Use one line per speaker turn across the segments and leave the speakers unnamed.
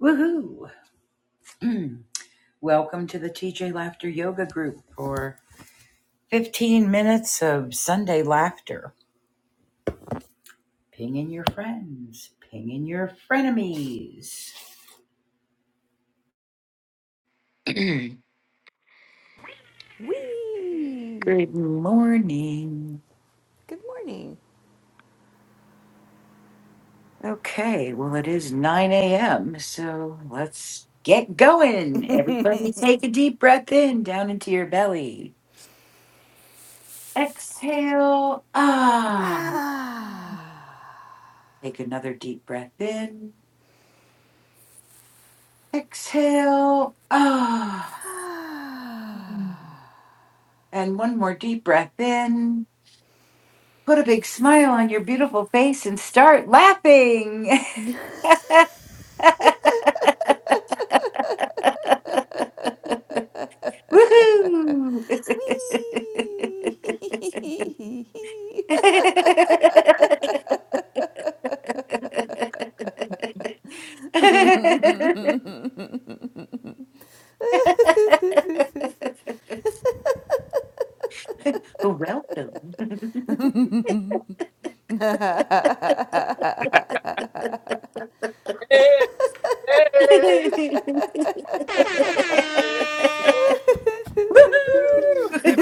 Woohoo! Welcome to the TJ Laughter Yoga Group for 15 minutes of Sunday laughter. Ping in your friends, ping in your frenemies. Good
Wee!
morning.
Good morning.
Okay, well, it is 9 a.m., so let's get going. Everybody take a deep breath in down into your belly. Exhale. Ah.
Ah!
Take another deep breath in. Exhale. Ah. And one more deep breath in. Put a big smile on your beautiful face and start laughing. Woohoo!
Wee!
Welcome.
Yes. Yes. yes.
Woohoo!
Woo. Happy-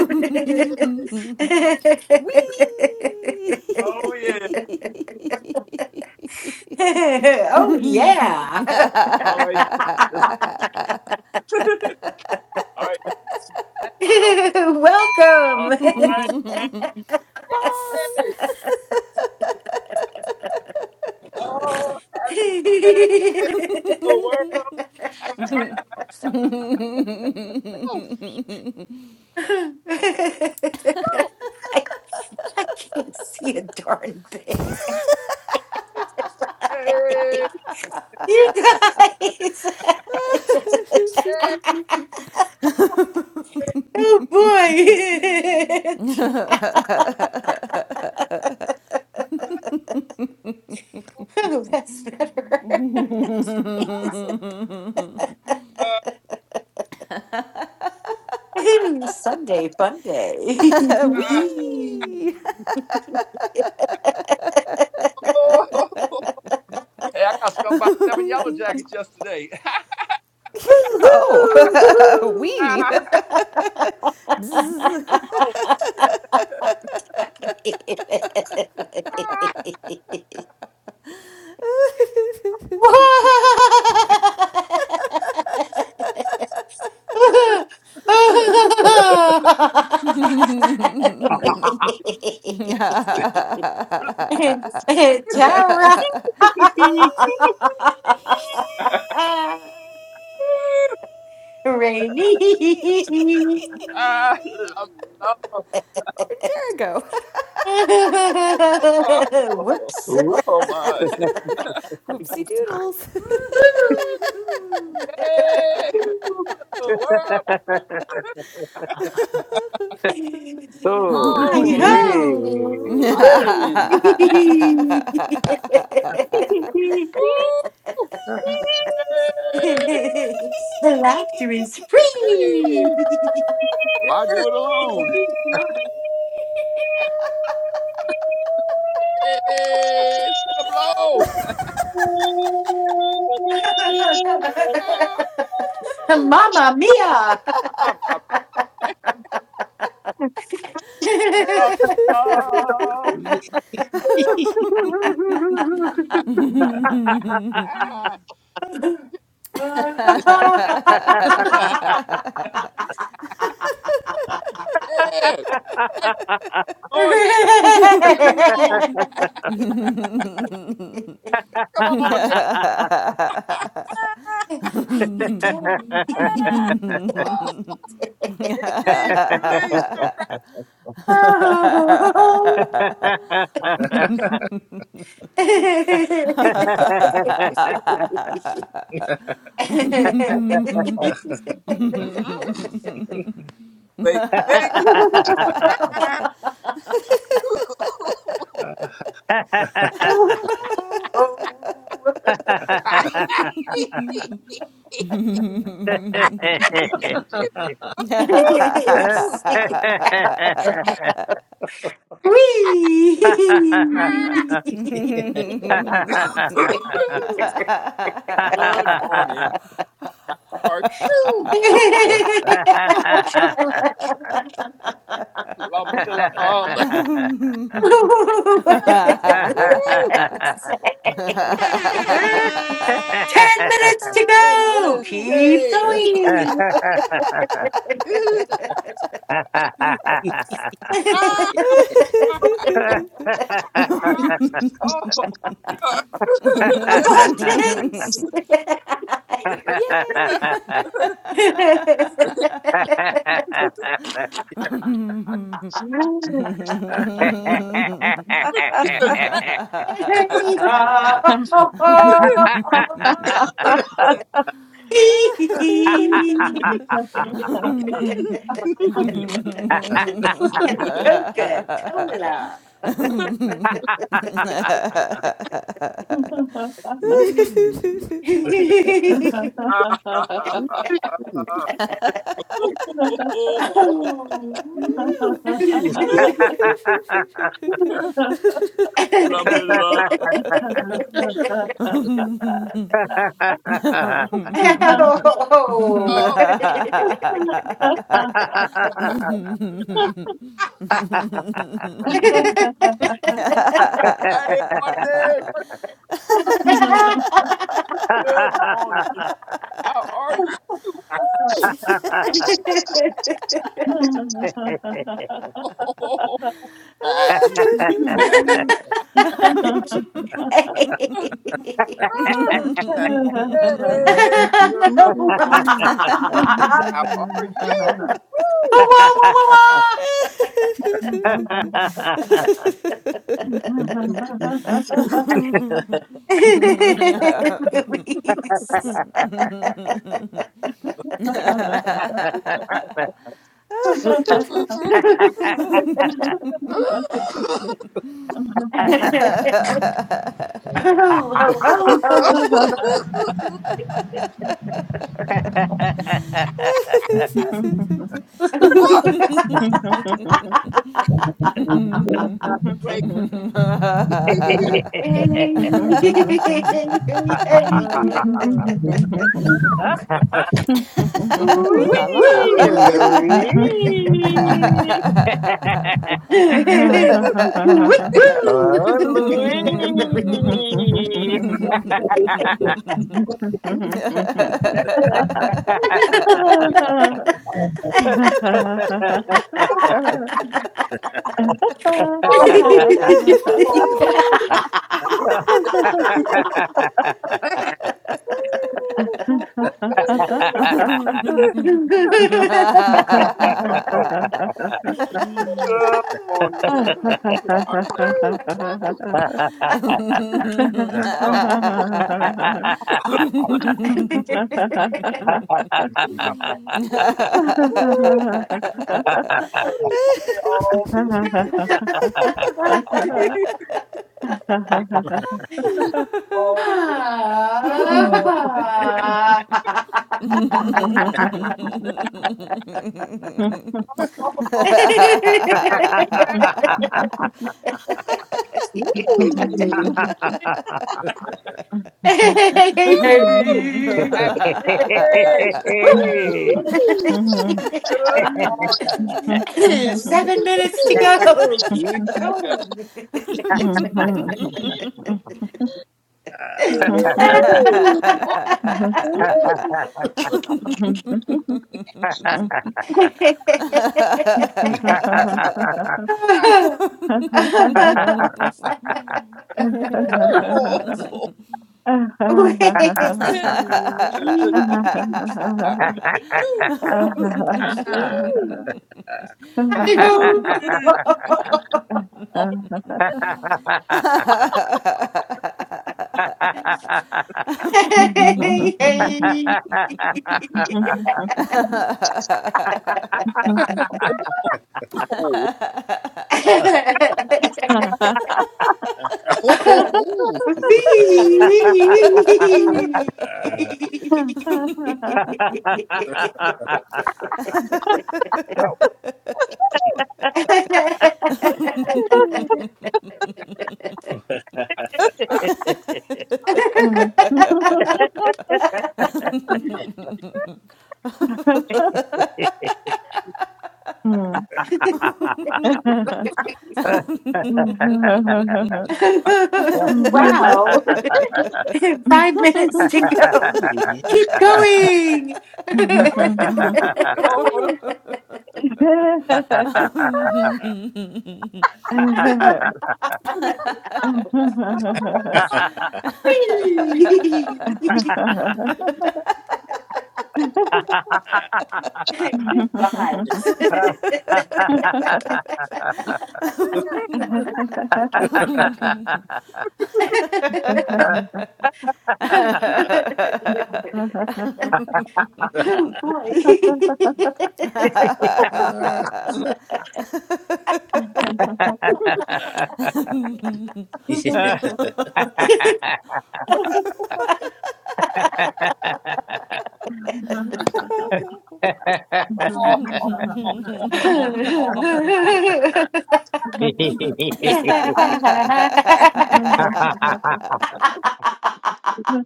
Wee!
Oh yeah.
oh yeah.
All right. All right. That's so-
Welcome.
All right. Yes.
Bonk!
Oh, happy day, the world. Oh,
I, I can't see a darn thing.
hey, hey.
you guys.
yeah.
oh boy. Oh, that's better.
Uh,
Ooh, Sunday fun day.
uh,
Wee!
oh. Hey, I got stung by seven yellow jackets yesterday.
Woo-hoo!
Oh! Wee!
Ah, oh, ah.
Ooh.
Wee!
Tara. Rainy.
Ah, I love it.
Interago.
Oh,
Whoops.
oh my.
Whoopsie doodles.
Woohoo.
Yay! The world.
oh,
I
Oh,
again.
yeah.
ho.
Popping in. Woo!
Ah.
Yay!
the laughter is free.
Whee! Why do it alone? Yay! It's gonna blow. Ah,
Mamma mia.
I'm a love. Ah, ah. It's still in the house. Yeah. Like the doors. Yeah, man.
Ha ha ha ha ha.
Oh, come on, Jay. Ah,
Happy day.
ah. Whoa. Indeed, release the crowd. But thank you.
Oh. Whee!
Good morning. How are you? Lum, lum, lum.
Ten
Woo!
ba
minutes
da
to
Ten
go.
minutes
Keep
day.
Wee.
going.
Ah, ah, ah. oh,
Abundance.
Yay.
release the crack.
and coca cola.
Ah, ah, ah, ah, ah.
Oh.
Lum de lum. Oh,
Ooh
hey, my days, good morning. How are you? Woo! Oh, bad. Hey,
Oh.
good morning. How are you?
wah, wah. Louise.
Mm-hmm.
Woo!
oh, ho, ho, ho.
Wait.
Hey, hey, hey, hey. Woo,
la la.
Oui,
woo.
Louis.
Woo,
oh, Louis.
Hey.
woo.
Mm-hmm.
Woo!
Oh,
Happy Friday! Woo! Good
good morning. How are you? out. They all big shit. all big dog. Oh, man. Man,
Ooh.
Woo!
Woo! At first,
Woo!
Woo!
Mm-hmm.
good morning.
Seven minutes to go. Keep
gang.
going.
Ah.
oh,
Wait.
God. Oh, good morning. How you?
Ah.
How
Hi-ho.
you? Oh, oh, oh.
Ah. Oh, oh, oh. Ah.
How-
Mm.
Hey. Ha
Mm.
wow. Five minutes to go.
Ooh, yeah.
Keep going.
oh, oh, oh,
Ah.
Free! Good vibes.
Yay.
oh boy.
oh, oh, oh, oh.
Thank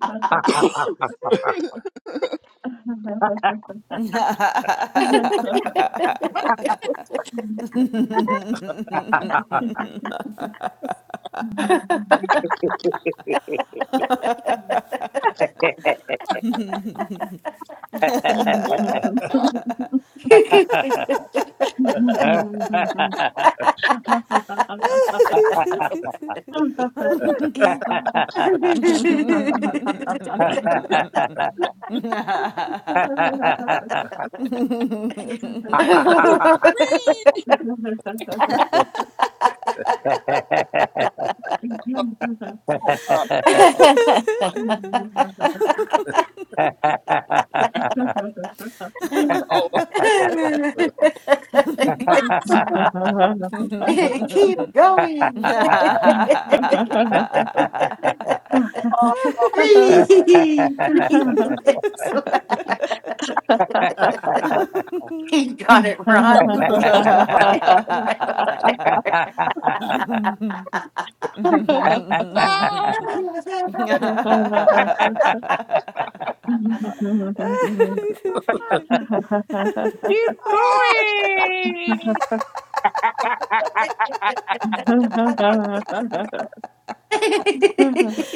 Yeah.
you.
oh. Oh, God. oh,
Keep going.
oh,
Keep
three, three minutes. left. You got it,
that was
Ron.
me. Yes. Ah, ah,
Oh, Lord.
ah,
going.
Mm-hmm.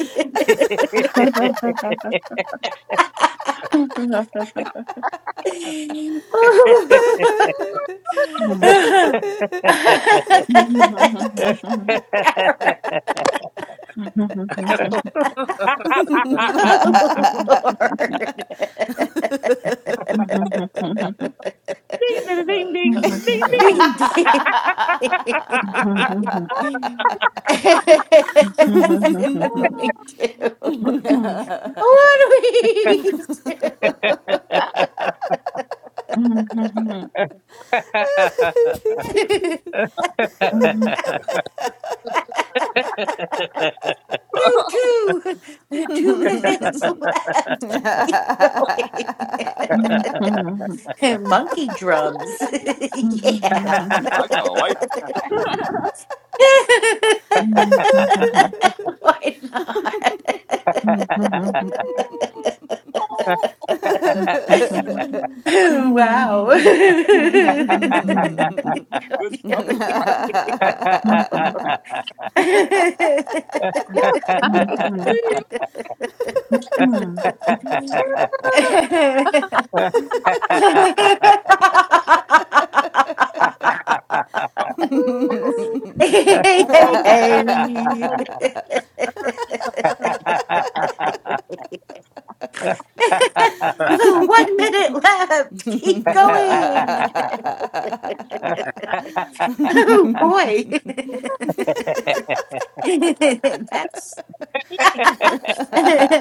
ding, ding, ding, ding,
Ding, ding. what do we do?
ding,
What do we do? Two, two, two minutes left
ding.
going. Monkey drums. yeah.
I got a light.
Why not?
Oh,
Wow.
good stuff is right. It's Uh,
hey,
almost there.
hey,
Come.
hey. Oh, one minute left. Keep going. Oh boy. That's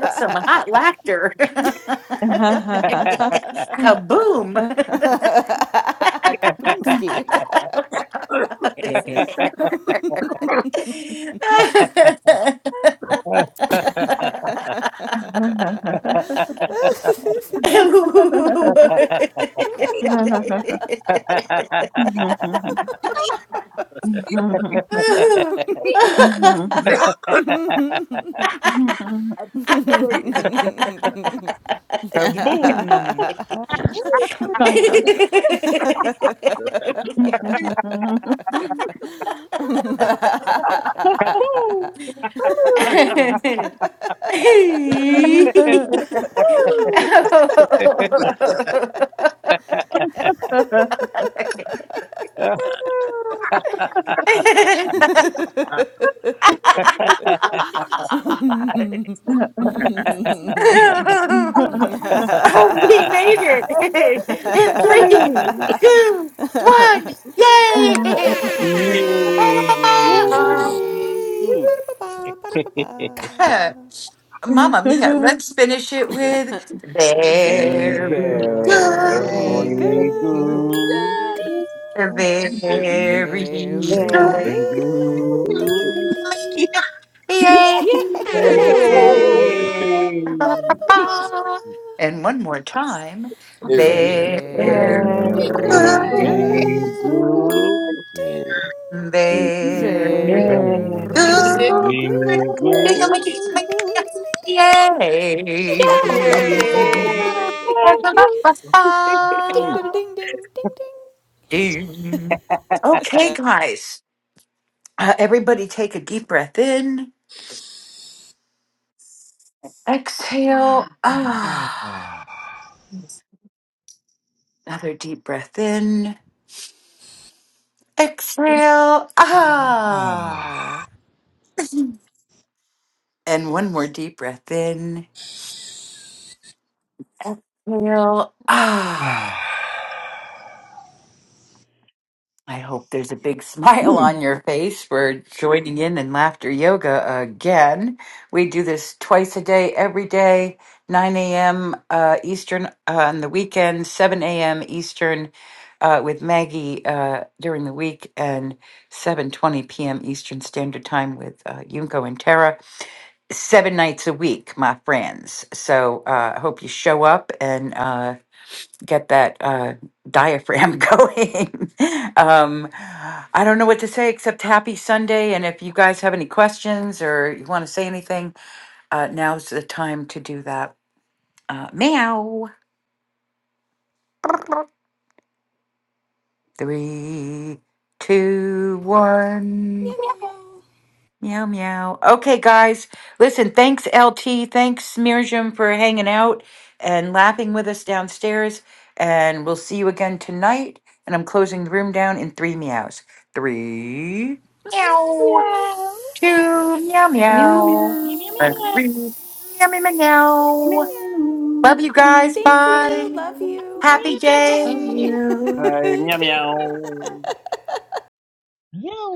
some hot laughter. Kaboom.
Mm-hmm.
oh,
I did
Kaboom!
it.
Kaboom!
Kaboom.
Yay!
we made it in three, two, one,
Uh,
Yeah.
Yay!
yay!
Yay!
Mm.
Ba-da-ba-ba, ba-da-ba-ba.
Mama Mia, let's finish it with
Very
very
good.
good,
Yay.
Very
Very good.
good.
Yeah.
Ding.
Very
very
good.
Very
Yeah!
Very
good.
good. Ding,
Yeah.
ding,
good.
ding, ding, ding. Yay!
Yay.
Yeah!
Yay!
Very good.
Ba-da-ba-ba.
And one more time,
Yeah.
very
Very
good,
Very
good.
good.
Ding.
Yay. Very
very.
good.
Very
Good.
Yay.
Very good.
good.
Woo!
Ding, ding, ding,
Woo!
ding, ding, ding, ding, ding.
Yay.
Yay!
Meow,
Yay! ding,
Mm.
da, da, ding, ding, ding, ding.
Ding. Okay, guys. Uh, everybody take a deep breath in. Exhale.
Ah,
Ah. Another deep breath in. Exhale. Ah.
ah,
And one more deep breath in. Exhale. Ah.
ah.
I hope there's a big smile on your face. We're joining in in laughter yoga again. We do this twice a day, every day, 9 a.m. Uh, Eastern uh, on the weekend, 7 a.m. Eastern uh, with Maggie uh, during the week, and 7:20 p.m. Eastern Standard Time with uh, Yunko and Tara. Seven nights a week, my friends. So uh, I hope you show up and. Uh, get that uh, diaphragm going. um, I don't know what to say except happy Sunday. And if you guys have any questions or you want to say anything, uh, now's the time to do that. Uh, meow. Three, two, one.
Meow, meow.
Meow meow. Okay, guys. Listen, thanks LT, thanks Mirjam for hanging out and laughing with us downstairs. And we'll see you again tonight. And I'm closing the room down in three meows. Three
Meow.
meow. Two meow
Meow,
Meow
meow.
meow.
meow,
meow
And
meow,
three meow meow
Meow, meow, meow,
meow.
meow.
Love
meow.
you guys.
Thank you.
Bye.
Love you.
meow,
Happy
Happy
meow,
I love
day.
day.
meow.
you.
Hi, meow
Ding.
meow.
meow,